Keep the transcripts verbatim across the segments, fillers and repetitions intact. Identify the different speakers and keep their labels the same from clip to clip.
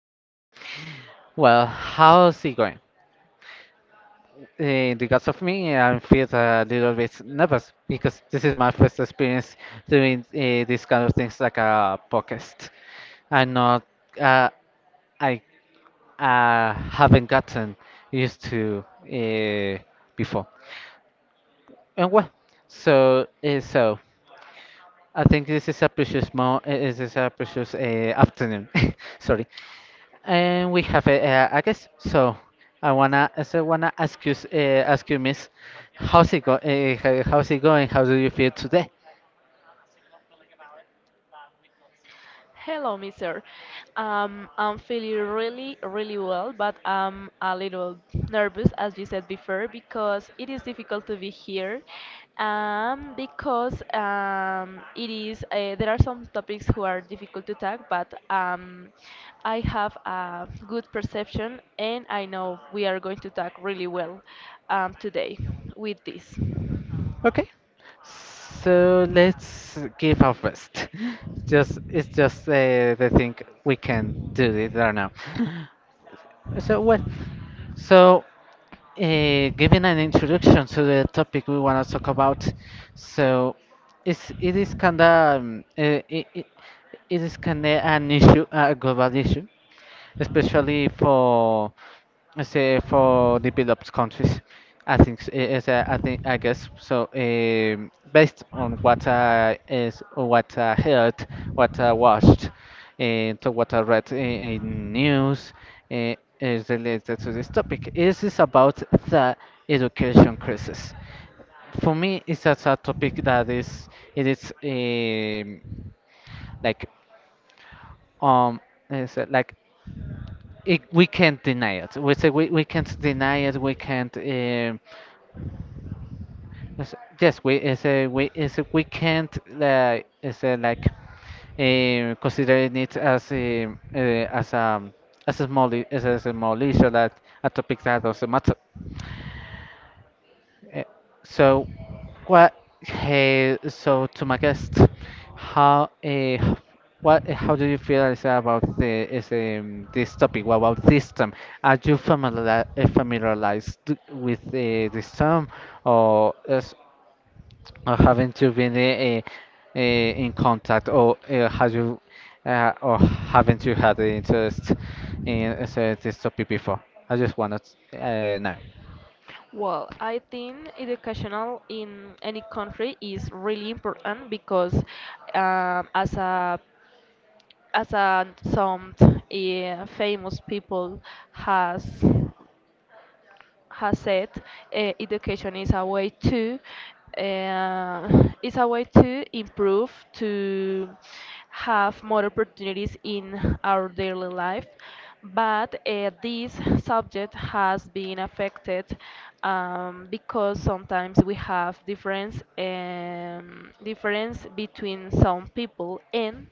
Speaker 1: here. Well, how's it going? In regards of me, I feel a little bit nervous because this is my first experience doing uh, this kind of things like a podcast. I'm not, uh, I uh, haven't gotten used to uh, before. And well, so uh, so I think this is a precious mo. uh, This is a precious uh, afternoon. Sorry. And we have a, uh, I guess so. I wanna, so I so wanna ask you, s- uh, ask you, Miss, how's it go? Uh, ho- how's it going? How do you feel today?
Speaker 2: Hello, mister. Um, I'm feeling really, really well, but I'm a little nervous, as you said before, because it is difficult to be here. Um, because um, it is uh, there are some topics who are difficult to talk, but um, I have a good perception, and I know we are going to talk really well um, today with this.
Speaker 1: Okay, so let's give our best. Just, it's just uh, the thing we can do it right now. So well, so. Uh, giving an introduction to the topic we want to talk about, so it's, it is kinda um, uh, it, it, it is kinda an issue, a global issue, especially for say for developed countries. I think s- eh, as I, I think I guess so. Um, based on what I is what I heard, what I watched, and to what I read in, in news, eh, is related to this topic. This is about the education crisis. For me, it's such a topic that is it is um, like um is uh, like it, we can't deny it. We say we, we can't deny it. We can't. Um, yes, yes, we is a we is a, we can't like is a, like um, considering it as a uh, as a as a small I- as a small issue that a topic that doesn't matter. Eh, So, what? Hey, so to my guest, how? Uh, what? eh, How do you feel is about the is um, this topic? What about this term? Are you familiar, eh, familiarized with uh, this term, or, is, or haven't you been uh, uh, in contact, or uh, have you, uh, or haven't you had the interest in uh, this topic before? I just wanted to uh, know.
Speaker 2: Well, I think educational in any country is really important because um, as a as a, some uh, famous people has has said, uh, education is a way to uh, is a way to improve, to have more opportunities in our daily life. But uh, this subject has been affected um, because sometimes we have difference um, difference between some people, and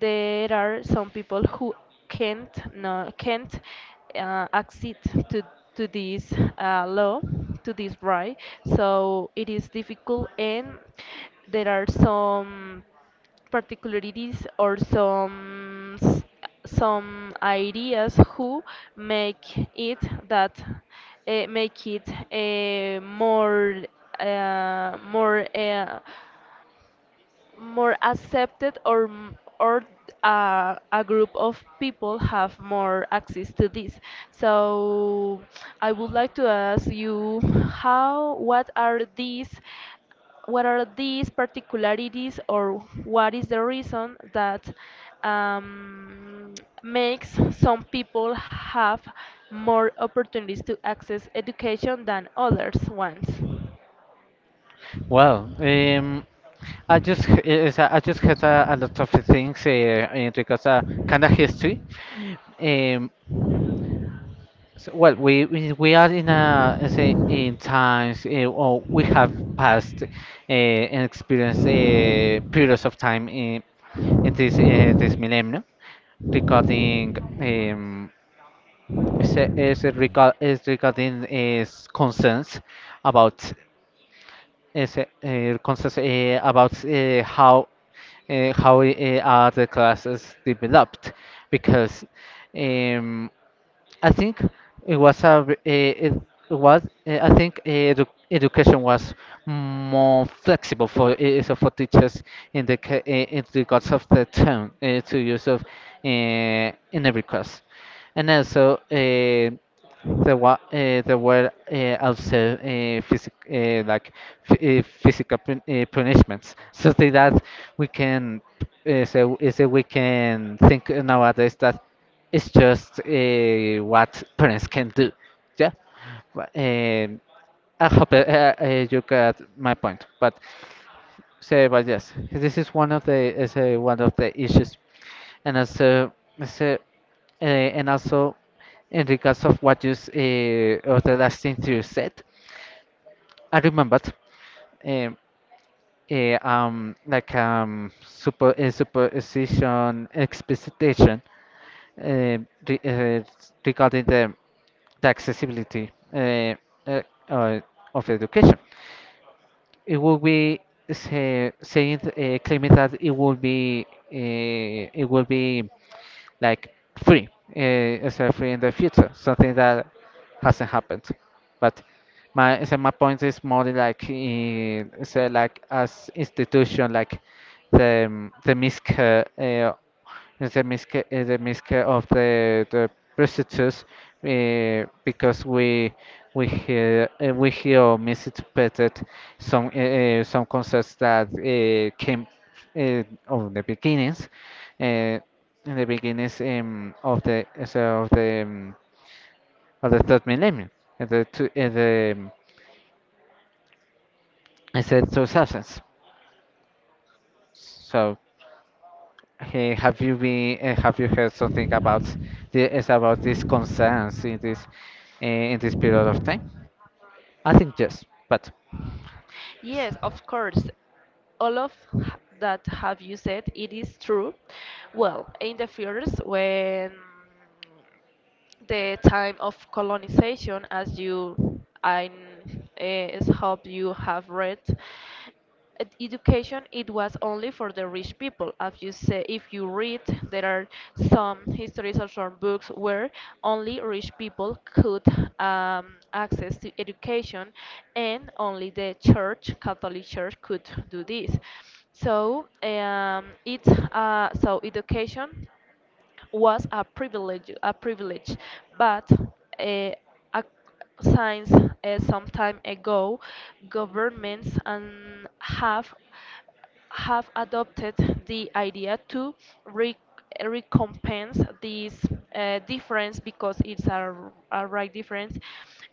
Speaker 2: there are some people who can't no, can't uh, accede to to this uh, law, to this right, so it is difficult, and there are some particularities, or some s- some ideas who make it that uh, make it, uh, more uh, more uh, more accepted, or m- or uh, a group of people have more access to this, so I would like to ask you, how what are these what are these particularities, or what is the reason that um, makes some people have more opportunities to access education than others ones?
Speaker 1: Well, um. I just h- is I just had a, a lot of things uh, in regards to kind of history. Um, so, well, we we we are in a let's say in times uh, or we have passed uh, and experienced uh, periods of time in in this uh, this millennium regarding um, is, is regard is regarding is concerns about Is it, uh, concerns uh, about uh, how uh, how uh, are the classes developed because um, I think it was a v- eh, it was eh, I think eh, edu education was more flexible for eh, eh, so for teachers in the ca- eh, in regards of the term eh, to use of eh, in every class, and also eh, there were uh, there were uh, also uh, physic uh, like f- uh, physical pun uh, punishments, so that we can uh, so, eh, so we can think nowadays that it's just uh, what parents can do. Yeah. But, um, I hope uh, uh, uh, you got my point. But say, but yes, this is one of the is uh, one of the issues, and also, so, uh, uh, and also, in regards of what you s- uh, of the last thing you said, I remembered, um, uh, um, like um, super uh, superstition, expectation uh, re uh, regarding the, the accessibility uh, uh, uh, of education. It will be say, saying uh, claiming that it will be uh, it will be like free, uh, is free in the future, something that hasn't happened. But my so my point is more like in, so like as institution, like the um, the misc uh, uh, the misc uh, the misc of the the prostitutes uh, because we we hear uh, we hear misinterpreted some uh, uh, some concepts that uh, came uh, of the beginnings. Uh, in the beginnings um, of the uh, so of the um, of the third millennium, in the two, in the um, in the two thousands. So, eh, have you been eh, have you heard something about the is about these concerns in this eh, in this period of time? I think yes, but
Speaker 2: Yes, of course. All of h- that have you said, it is true. Well, in the first, when the time of colonization, as you, I n- eh, s- hope you have read, Ed- education it was only for the rich people, as you say, if you read there are some histories or some books where only rich people could um, access to education, and only the church, catholic church, could do this. So um, it's uh, so education was a privilege, a privilege, but uh, a, since uh, some time ago, governments and have have adopted the idea to re- recompense this uh, difference, because it's a, a right difference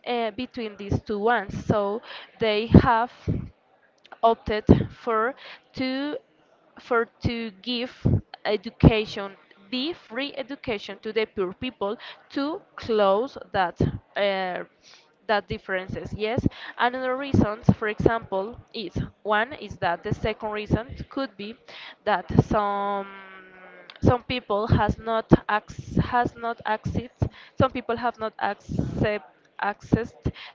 Speaker 2: uh, between these two ones. So they have opted for to for to give education the free education to the poor people, to close that uh, that differences, yes. Another reasons, for example, is one is that the second reason could be that some some people has not acc- has not access some people have not accept access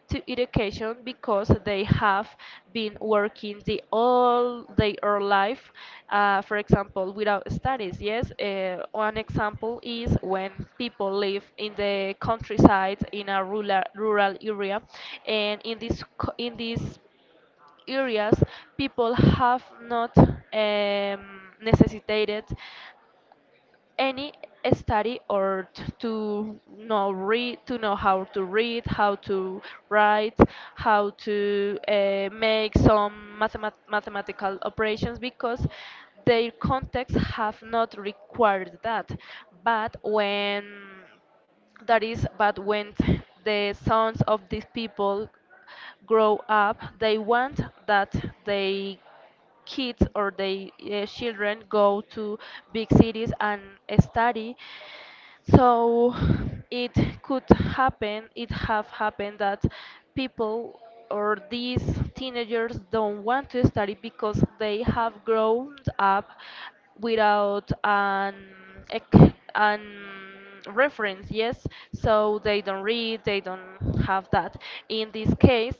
Speaker 2: to education because they have been working the all their life, uh, for example, without studies, yes. Uh, one example is when people live in the countryside, in a rural rural area, and in this co- in these areas people have not um, necessitated any study, or t- to know read to know how to read, how to write, how to uh, make some mathemat- mathematical operations, because their context have not required that. But when that is but when the sons of these people grow up, they want that they kids or they uh, children go to big cities and study. So it could happen it have happened that people, or these teenagers, don't want to study because they have grown up without an ec- an reference, yes. So they don't read, they don't have that. In this case,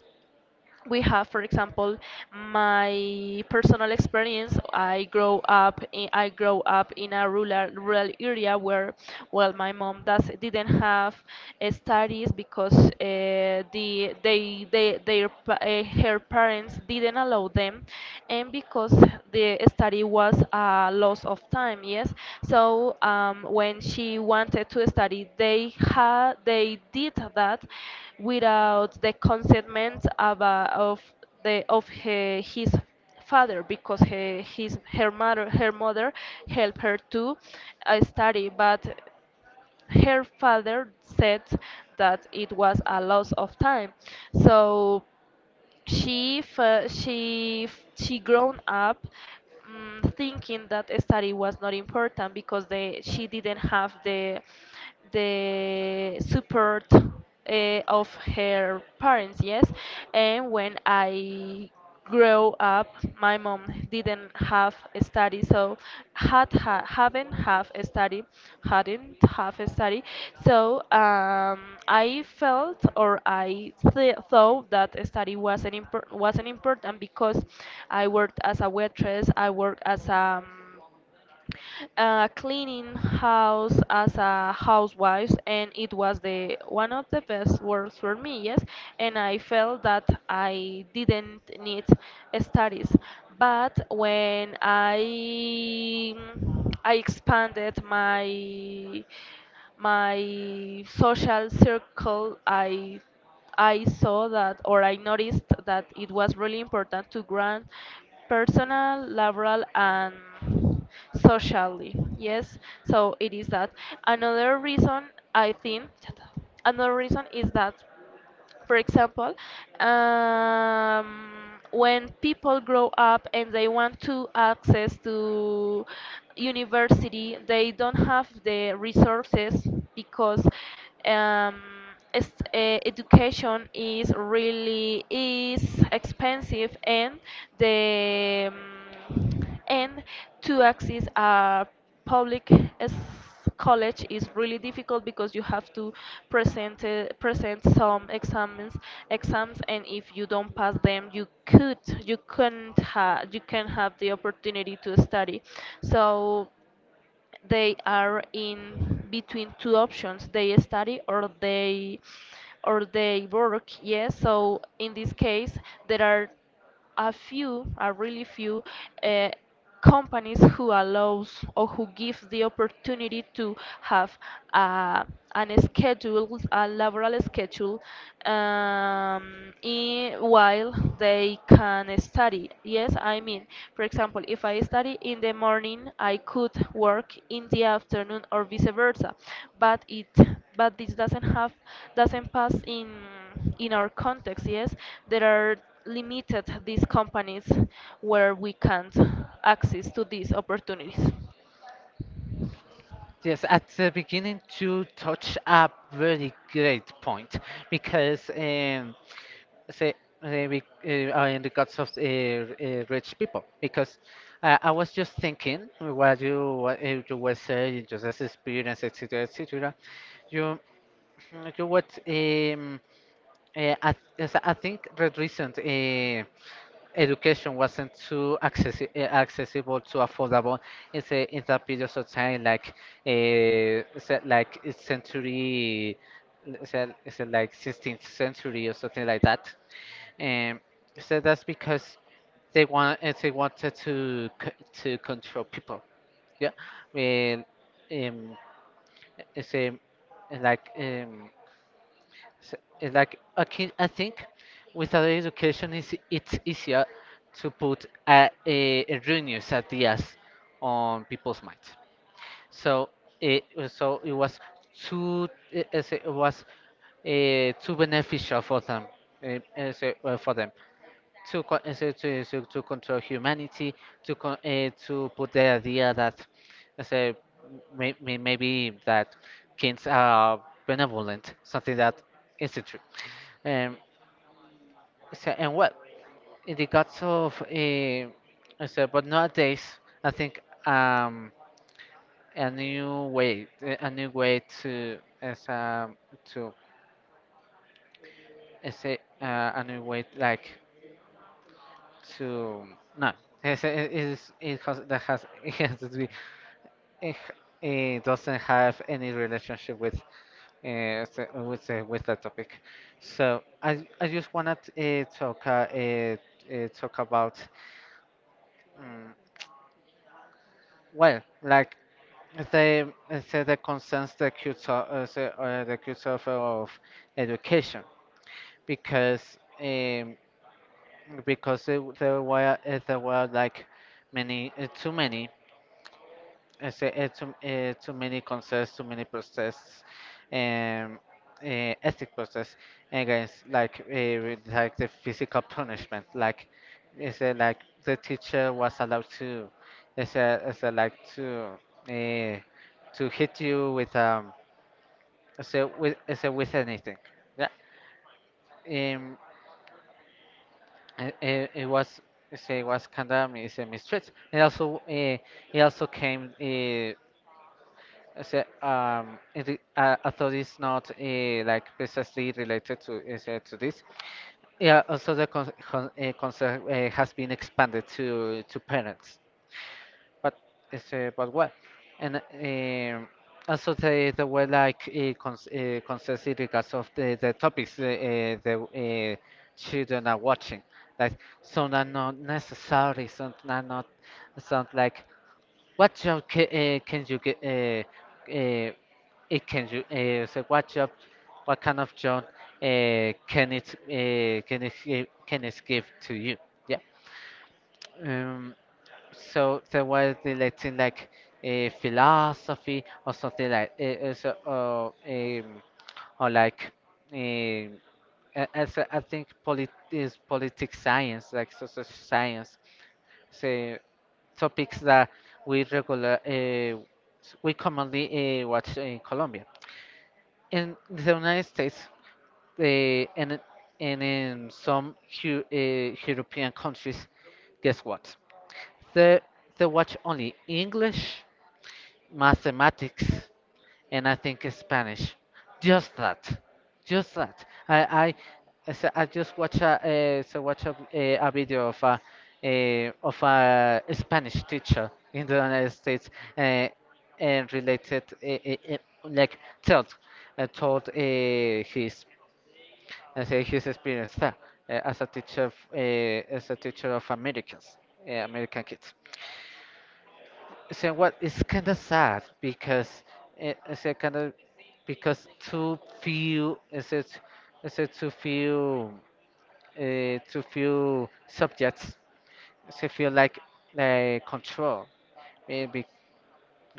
Speaker 2: we have, for example, my personal experience. I grow up in, I grow up in a rural rural area where, well, my mom does didn't have uh, studies because uh, the they they their pa- uh, her parents didn't allow them, and because the study it was a loss of time, yes. So um, when she wanted to study, they had they did that without the consentment of, uh, of the of her, his father, because her, his her mother her mother helped her to uh, study, but her father said that it was a loss of time. So she fe- she f- she grown up, mm thinking that a study was not important, because they she didn't have the the support uh, of her parents, yes. And when I grow up, my mom didn't have a study, so had ha, haven't have a study, hadn't have a study. So um, I felt or I th thought that a study wasn't impor wasn't important, because I worked as a waitress, I worked as a uh, cleaning house, as a housewife, and it was the one of the best works for me, yes. And I felt that I didn't need studies, but when i i expanded my my social circle, I I saw that or I noticed that it was really important to grant personal, laboral, and socially, yes. So it is that. Another reason I think, another reason is that, for example, um, when people grow up and they want to access to university, they don't have the resources because um, es- eh, education is really is expensive, and the um, and to access a public s- college is really difficult, because you have to present uh, present some exams, exams and if you don't pass them, you could you couldn't ha- you can have the opportunity to study. So they are in between two options: they study, or they or they work, yes. So in this case, there are a few, a really few, uh, companies who allows or who gives the opportunity to have uh, an schedule, a laboral schedule, um, i- while they can study. Yes, I mean, for example, if I study in the morning, I could work in the afternoon, or vice versa. But it, but this doesn't have, doesn't pass in in our context, yes. There are limited these companies, where we can't access to these opportunities.
Speaker 1: yes, at the beginning to touch a very great point because. Um, say, uh, be- uh, uh, in regards of uh, uh, rich people because uh, I was just thinking what you what uh, you were saying just as experience et cetera et cetera, you you what um, uh, I, yes, I think the recent uh, education wasn't too accessi- uh, accessible too affordable in the in the periods of time like uh, se- like uh, century is it, is it like sixteenth century or something like that and so that's because they want uh, they wanted to c- to control people. Yeah, and um, it's um, like um, s- it's like I can, I think without education is it's easier to put a, a, a ruinous ideas on people's minds. So it was- so it was too it, it's- it was uh, too beneficial for them uh, uh, so, uh, for them to co- uh, so- to, so- to control humanity, to con- uh, to put the idea that I say may, may, maybe that kings are benevolent, something that isn't true. Um, so, and well, in the guts of uh, I say but nowadays I think um, a new way, a new way to as um to I say uh, a new way like to no. Yes, it, it, is- it has that has it has to be it, it doesn't have any relationship with uh, s- with uh, with that topic. So I I just wanna uh, talk uh, uh, uh, talk about um, well like the uh, say the concerns the cuts of uh, say, uh, the cuts of, of education because um, because there, there were uh, there were like many uh, too many It's, uh, it's, um, uh, too many concepts, too many process, um, uh, ethic process against like uh, with, like the physical punishment. Like it's uh, like the teacher was allowed to, it's, uh, it's uh, like to uh, to hit you with um, it's, uh, with it's, uh, with anything. Yeah, um, it, it, it was it's, uh, it was kind of it's a mistreat. It also uh, it also came. Uh, Is it, um, it, I- uh, although it's not uh, like precisely related to is, uh, to this, yeah. Also, the con con uh, concept uh, has been expanded to to parents, but it's uh, but what, and um, also the the way like uh, cons uh, concerns in regards of the the topics uh, uh, the uh, children are watching, like some are not necessary, some are not, some like what job can, uh, can you get? Uh, uh, it can you uh, so what job? What kind of job uh, can it uh, can it gi- can it give to you? Yeah. Um. So so was the let's like uh, philosophy or something like uh, uh, so or um, or like uh, as I think polit is politics science like social science say topics that we regular uh, we commonly uh, watch in Colombia. In the United States, uh, and in- and in some Eu- uh, European countries, guess what? They they watch only English, mathematics, and I think Spanish. Just that, just that. I I so I s- I just watch a uh, so watch a, eh, a video of a a of a Spanish teacher in the United States uh, and related eh, eh, eh, like told uh, told uh, his uh, say his experience there, eh, as a teacher f- uh, as a teacher of Americans uh, American kids. So what it's kind of sad because it, it's kind of because too few is it is it too few uh, too few subjects so feel like like control maybe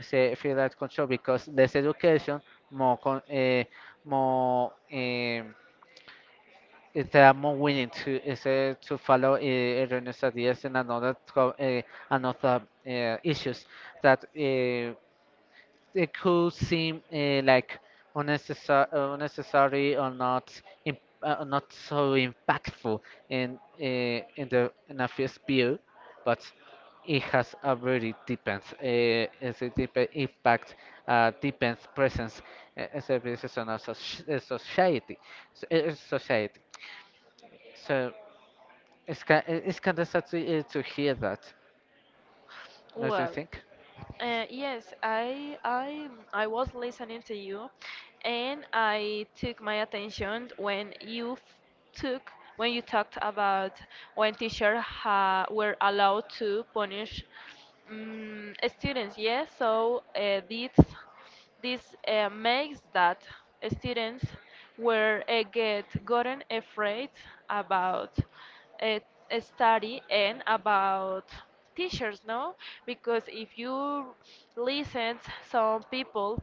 Speaker 1: say feel like control because less education more con, uh, more um, if they are more willing to is uh, to follow uh, erroneous ideas and another co- uh, another uh, issues that uh, it could seem uh, like unnecessary, unnecessary or not im- uh, not so impactful in uh, in the in a first view, but it has a very depends uh, it's a deep impact uh, depends presence uh, as a business on a soc- uh, society so, uh, society so it's kind it's kind of sad to, uh, to hear that, don't you
Speaker 2: Well,
Speaker 1: think?
Speaker 2: uh, yes, I I I was listening to you, and I took my attention when you f- took when you talked about when teachers ha were allowed to punish um, students. Yes, so, uh, this. This uh, makes that students were uh, get gotten afraid about uh, study and about teachers, no? Because if you listen some people,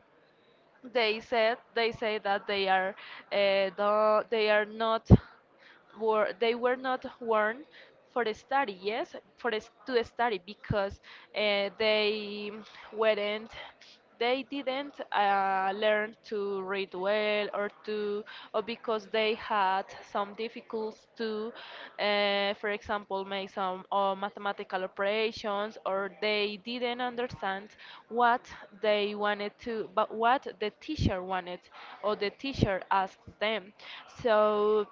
Speaker 2: they said they say that they are, uh, the, they are not were they were not warned for the study, yes, for the, s- to the study, because uh, they weren't they didn't uh, learn to read well, or to, or because they had some difficulties to, uh, for example, make some uh, mathematical operations, or they didn't understand what they wanted to, but what the teacher wanted, or the teacher asked them. So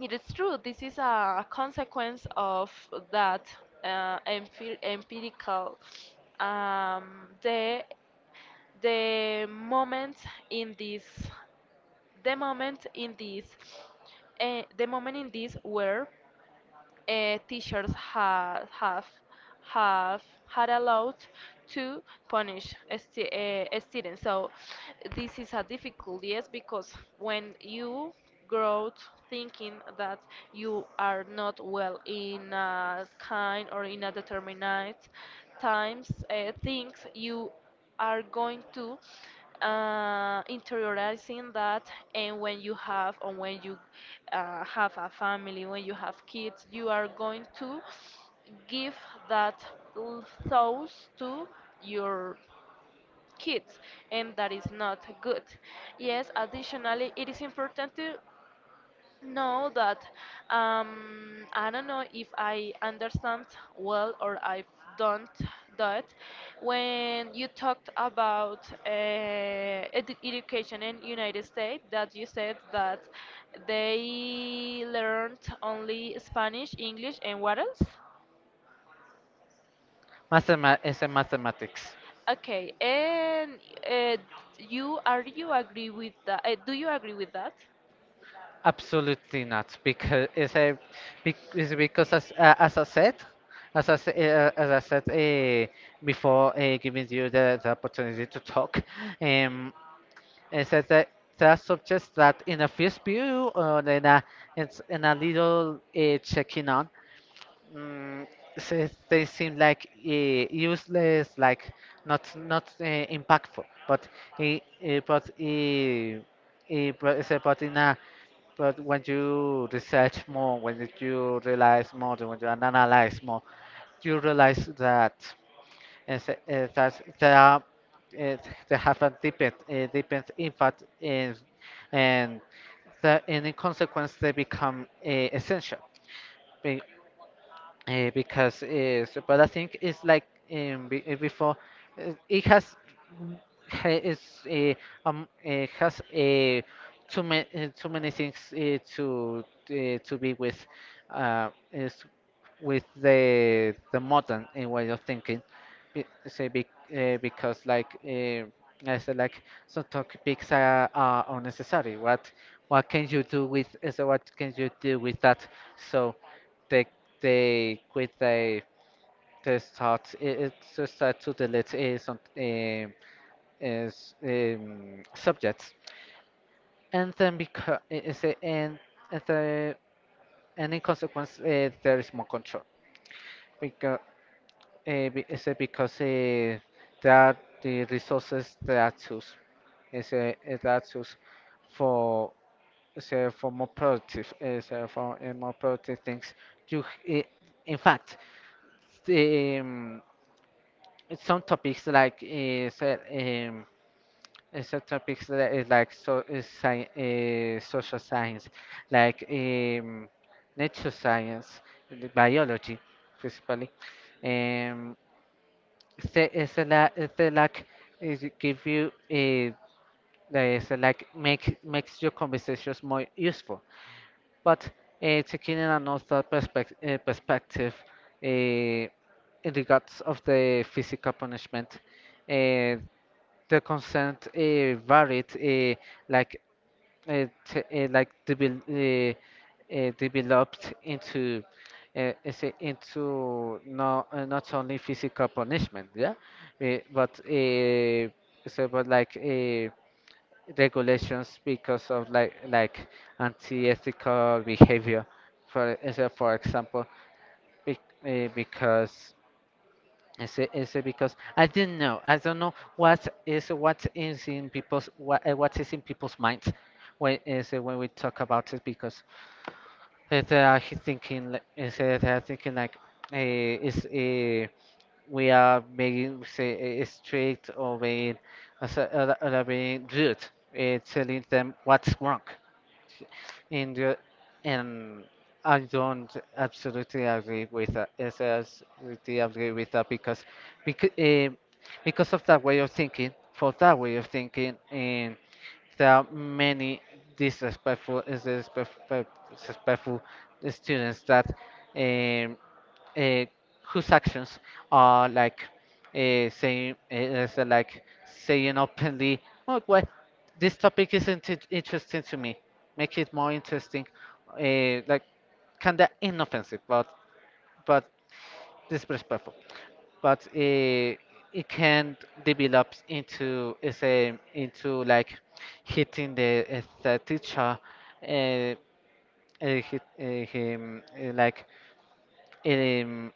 Speaker 2: it is true. This is a consequence of that uh, empir- empirical, um, the the moment in this the moment in this, uh, the moment in this where uh, teachers have have have had allowed to punish stu uh, students. So this is a difficult, yes, because when you grow out thinking that you are not well in a kind, or in a determinate times, uh, things, you are going to uh, interiorizing that, and when you have, or when you uh, have a family, when you have kids, you are going to give that l- thoughts to your kids, and that is not good, yes. Additionally, it is important to know that, um, I don't know if I understand well or I don't, that when you talked about uh, edu- education in United States, that you said that they learned only Spanish, English, and what else?
Speaker 1: Mathema- it's a mathematics.
Speaker 2: Okay, and uh, you are you agree with that? Uh, do you agree with that?
Speaker 1: Absolutely not, because it's a bec- it's because as uh, as I said, as I s- uh, as I said uh, before, uh, giving you the, the opportunity to talk, um, I said that there are subjects that in a first view or in a it's in a little uh, checking on, mm, so they seem like uh, useless, like not not uh, impactful, but uh, uh, but. Uh, eh, but, it's about in a but when you research more, when you realize more, when you analyze more, you realize that is- is that there are uh, they have a deepened, a deepened impact in, and the, and in consequence they become uh, essential uh, because is but I think it's like um, be, uh, before uh, it has ha- is uh, um uh, has uh, too many uh, too many things uh, to uh, to be with uh, is with the the modern uh, way of thinking be, say be, uh, because like uh, I said like some topics are, are unnecessary. What what can you do with, so what can you do with that? So the they with the the start it, it to start to delete uh, some um, is um, subjects, and then because is it and and the and in consequence uh, there is more control, because uh, be- is it because uh, there are the resources that are used is uh, is that used for is, uh, for more productive is uh, for uh, more productive things. you h- i- in fact, the, um, some topics like is uh, so- um, uh, some topics that is like, so is sci uh, social science, like um, nature science, the biology, principally. Um, so it's a la- it's a like is it give you a it's a like make makes your conversations more useful. But uh, taking in another perspective, uh, perspective uh, in regards of the physical punishment, uh, the consent uh, varied, uh, like uh, t- uh, like devel- uh, uh, developed into uh, is it into no, uh, not only physical punishment, yeah, uh, but uh, so but like uh, regulations because of, like like anti-ethical behavior. For uh, so for example, bec- uh, because is it, is it because I didn't know. I don't know what is what is in people's, what, uh, what is in people's minds when is it when we talk about it, because uh, they are thinking li- is uh, they are thinking like uh, is uh, we are making, say eh, strict, or being as- uh, uh, being rude, uh, telling them what's wrong. And uh, and I don't absolutely agree with that. Yes, I absolutely agree with that, because because uh, because of that way of thinking, for that way of thinking. And there are many disrespectful disrespectful, disrespectful students that. Um, uh, whose actions are like uh, saying uh, is, uh, like saying openly, "Oh well, this topic isn't it interesting to me. Make it more interesting," uh, like kinda inoffensive, but but disrespectful. But uh, it can develop into is a into like hitting the, uh, the teacher, uh, uh, hit, uh, him, uh, like um,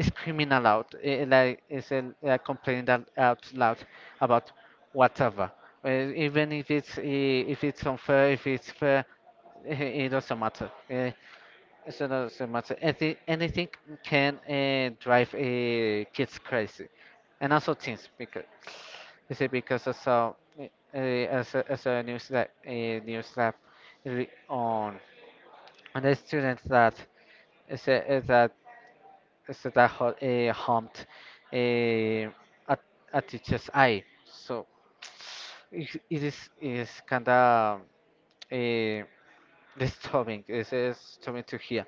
Speaker 1: screaming aloud, eh, eh, like is uh, complaining that out loud about whatever. Uh, even if it's, eh, if it's unfair, if it's fair, eh, eh, it doesn't matter. Uh, it doesn't matter. Anything, anything can uh, drive uh, kids crazy, and also teens. Because you see, because I saw uh, as a, as a news lab, a news lab re- on on the students that is that it's that hot, uh, humped uh, at, at teacher's eye. So it, it is it is kind of uh, disturbing. It's uh, disturbing to hear.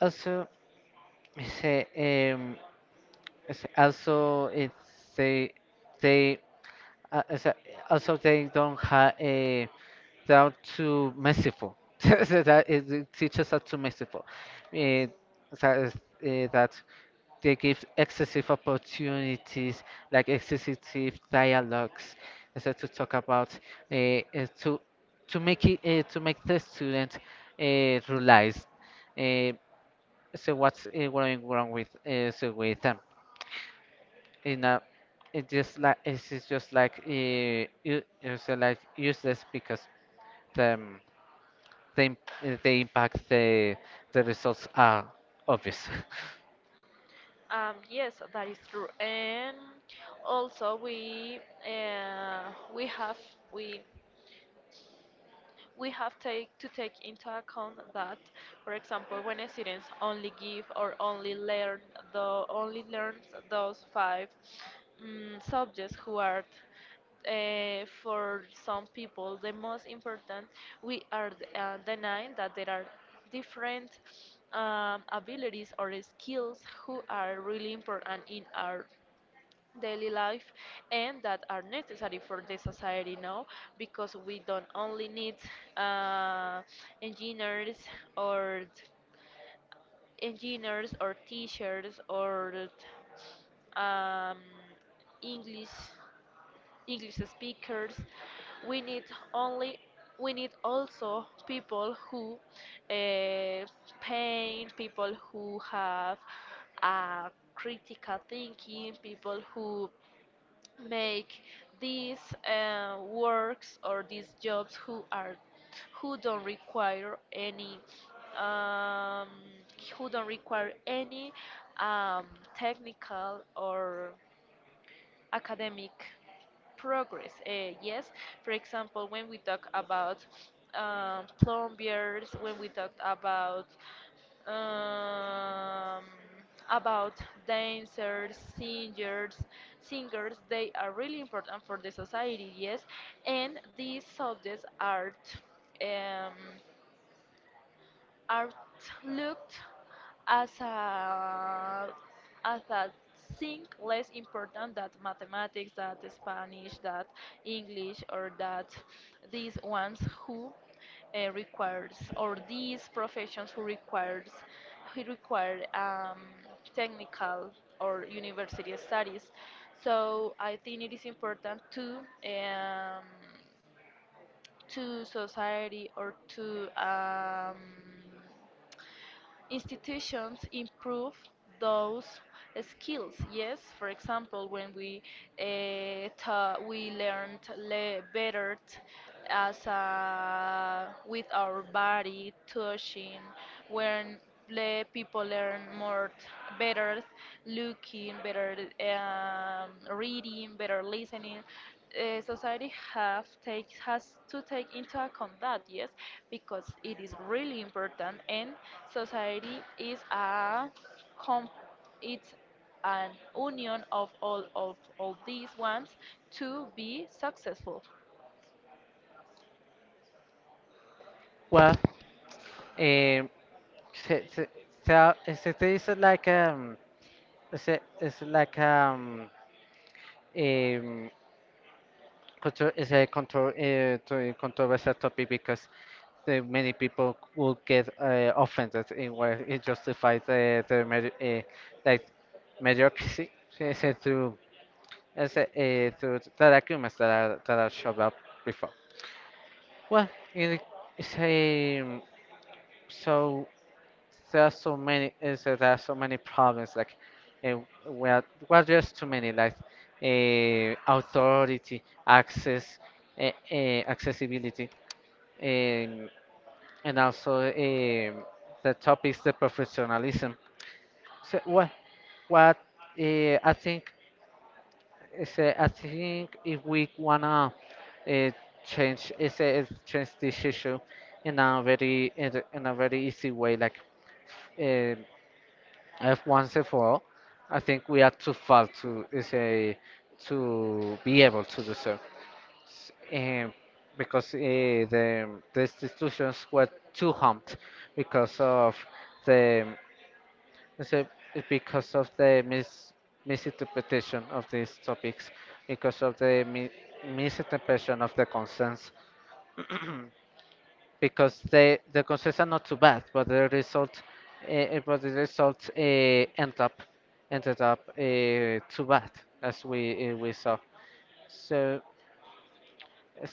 Speaker 1: Also, it's, uh, um, it's also it's they they uh, it's, uh, also they don't have a, they are too merciful. So that is, the teachers are too merciful. Uh, that is, uh, that They give excessive opportunities, like excessive dialogues, and so to talk about uh, uh, to to make it, uh, to make the student uh, realize Uh, so what's uh, going wrong with, uh, so with them. In a it just like it's just just like uh, u- it's, uh, like useless, because the um, the, imp- uh, the impact the the results are obvious.
Speaker 2: Um, yes, that is true. And also we, uh, we have we we have take to take into account that, for example, when students only give or only learn, the only learns those five mm subjects who are, uh, for some people, the most important, we are uh, denying that there are different um, abilities or skills who are really important in our daily life, and that are necessary for the society now, because we don't only need uh, engineers, or engineers or teachers, or um, English English speakers. We need only we need also people who uh, paint, people who have uh, critical thinking, people who make these uh, works or these jobs, who are who don't require any um, who don't require any um, technical or academic progress. Uh, yes, for example, when we talk about um, plumbiers, when we talk about um, about dancers, singers, singers. They are really important for the society, yes. And these subjects are um, are looked as a, as a thing less important than mathematics, that Spanish, that English, or that these ones, who uh, requires or these professions who requires who require um, technical or university studies. So I think it is important to um, to society, or to um, institutions, improve those skills. Yes, for example, when we uh, ta- we learned le- better t- as a, with our body touching, when le- people learn more, t- better looking, better um, reading, better listening, uh, society have take has to take into account that, yes, because it is really important, and society is a com- it's an union of all, of all these ones, to be successful.
Speaker 1: Well, um, So, so, so is it, is it like um is it is it like um um contro is a contro uh, to- controversial topic, because the many people will get uh, offended in where it justifies the, the medi uh, like mediocrity. So, so through as a, uh, through that arguments that are, that are shoved up before. Well, it is a so there are so many, is that there are so many problems, like uh, well well, just too many, like uh, authority, access, uh, uh, accessibility, and and also um the topics, the professionalism. So what what uh, I think is uh, I think, if we wanna uh, change is uh, change this issue in a very in a in a very easy way, like uh, if once and for, I think we are too far to is a to be able to do so. S- um, because uh, the the institutions were too humped, because of the is a- it's because of the mis misinterpretation of these topics, because of the mi misinterpretation of the concerns. Because the the goals are not too bad, but the result, uh, but the result uh, end up ended up uh, too bad, as we, uh, we saw. So,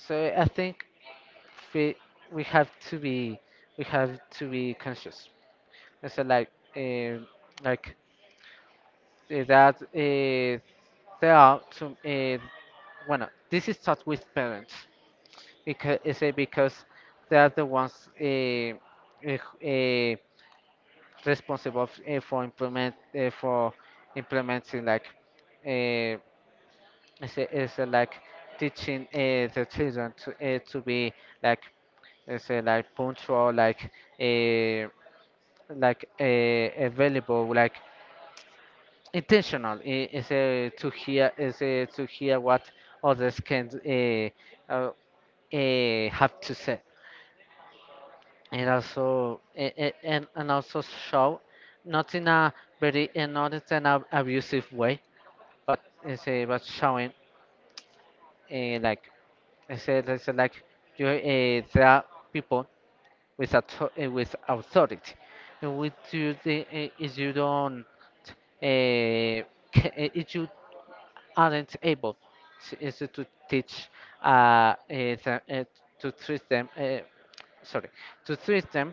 Speaker 1: so I think we we have to be, we have to be conscious. And so like, uh, like uh, that uh, there are some. Uh, well, this is taught with parents, because is it because they are the ones uh, uh, responsible f- eh, for implement uh, for implementing, like uh, is a- is a, like teaching uh, the children to uh, to be like, is a, like punctual, like uh, like uh, available, like intentional, I- is uh, to hear is uh, to hear what others can uh, uh, uh, have to say. And also, a- a- and and also show, not in a very uh, not in an ab- abusive way, but it's, uh, was showing uh, like, it said, it said like, you, uh, there are people with author- uh, with authority, and with you the, uh, if you don't uh, ca- uh, if you aren't able to, is to teach uh, uh, the, uh, to treat them uh, sorry, to treat them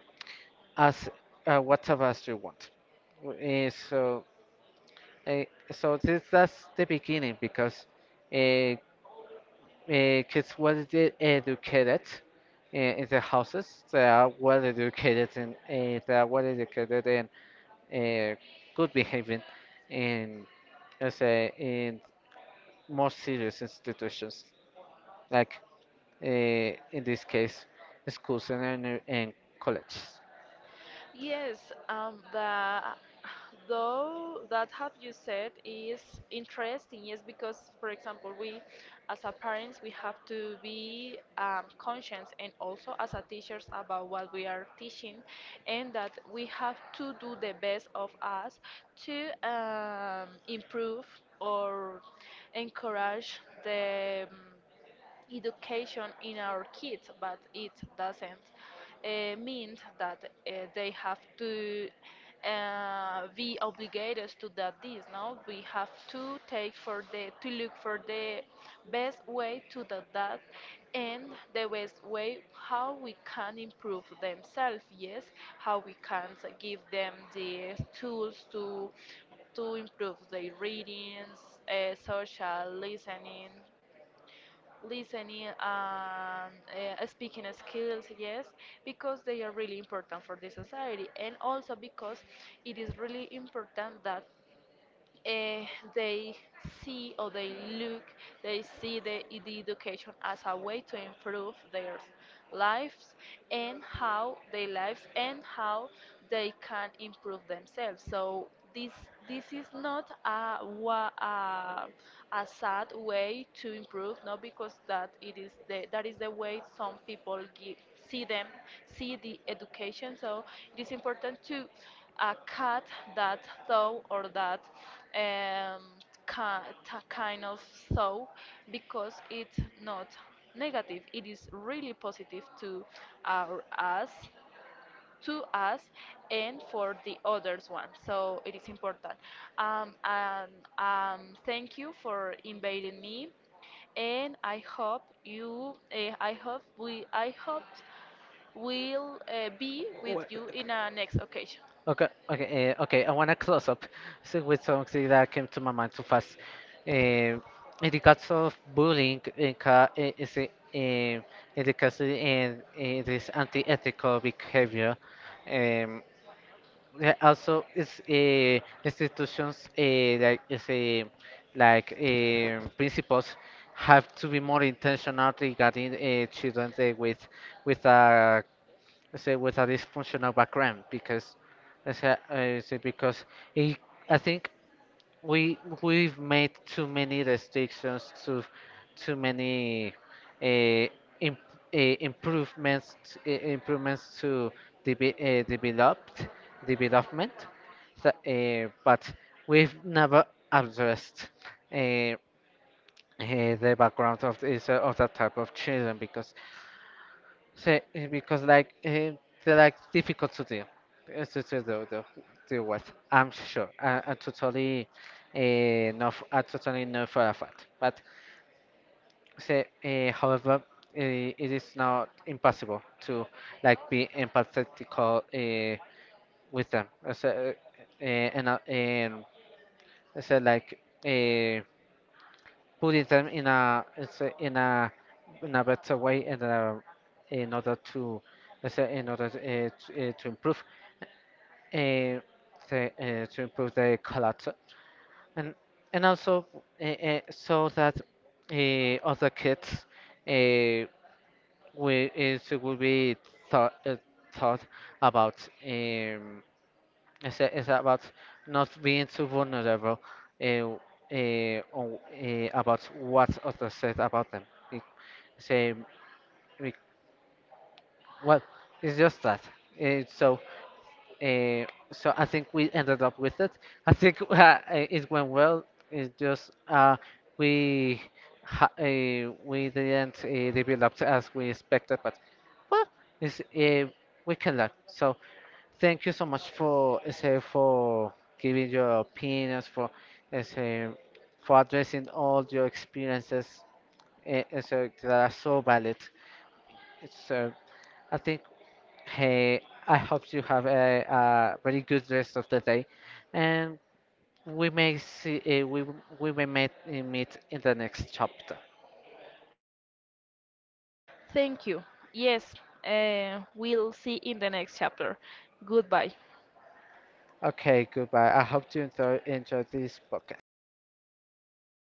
Speaker 1: as uh, whatever as you want. W- Uh, so uh, so this, that's the beginning, because uh, because what is it educated uh, in the houses, they are well educated, and uh, they are well educated and uh, good behaving in, as say in more serious institutions, like uh, in this case, schools, and, and and colleges.
Speaker 2: Yes, um, the though that have you said is interesting. Yes, because, for example, we as a parents, we have to be um, conscious, and also as a teachers, about what we are teaching, and that we have to do the best of us to um, improve or encourage the education in our kids, but it doesn't uh, mean that uh, they have to uh, be obligated to that this. No, we have to take for the to look for the best way to do that, and the best way how we can improve themselves. Yes, how we can give them the tools to to improve their readings, uh, social listening, listening and uh, speaking skills, yes, because they are really important for the society, and also because it is really important that uh, they see, or they look, they see the, the education as a way to improve their lives, and how their lives and how they can improve themselves. So this this is not a wa- a, a sad way to improve, not because, that it is, the that is the way some people give see them see the education. So it is important to a cat that thought, or that um, ki- t- kind of thought, because it's not negative, it is really positive to our us to us, and for the others one, so it is important. Um, and um, thank you for inviting me, and i hope you uh, i hope we I hope we'll uh, be with you in a next occasion.
Speaker 1: Okay, okay, uh, okay. I want to close up so with something that came to my mind too fast. Uh, in the case of bullying, in, ca uh, is it, uh, in the case of in, in this anti-ethical behavior, um, there also is uh, institutions, uh, like is a like um, principals have to be more intentional regarding uh, children uh, with with uh, let's say with a dysfunctional background. Because let's say, uh, is it because it, I think we, we've made too many restrictions to too many uh, imp, uh, improvements uh, improvements to de- uh, developed development. That, uh, but we've never addressed uh, uh, the background of this, uh, of that type of children. Because Say, eh, because like eh, they're like difficult to deal, eh, to, to do, do, do with. I'm sure. I, I totally uh, not. F- I totally know for a fact. But say, uh, however, uh, it is not impossible to like be empathetic uh, with them. Uh, so, uh, eh, and uh, and so like. Eh, put them in a it's a- in a in a better way, and uh, in order to, let's say in order to, uh, to, uh, to improve uh, the, uh, to improve the culture, and and also uh, uh, so that uh, other kids uh, will is will be thought uh, thought about um it's, a- it's about not being too vulnerable, uh, uh, on, uh, about what others said about them. Same. We, well, it's just that. Uh, so, uh, so I think we ended up with it. I think uh, it went well. It's just uh, we ha- uh, we didn't uh, develop as we expected, but well, it's, uh, we can learn. So, thank you so much for uh, say for giving your opinions, for uh, say, for addressing all your experiences, uh, uh, so that are so valid. So, I think, hey, I hope you have a, a very good rest of the day, and we may see, uh, we we may meet, meet in the next chapter.
Speaker 2: Thank you. Yes, uh, we'll see in the next chapter. Goodbye.
Speaker 1: Okay, goodbye. I hope you enjoy, enjoy this podcast.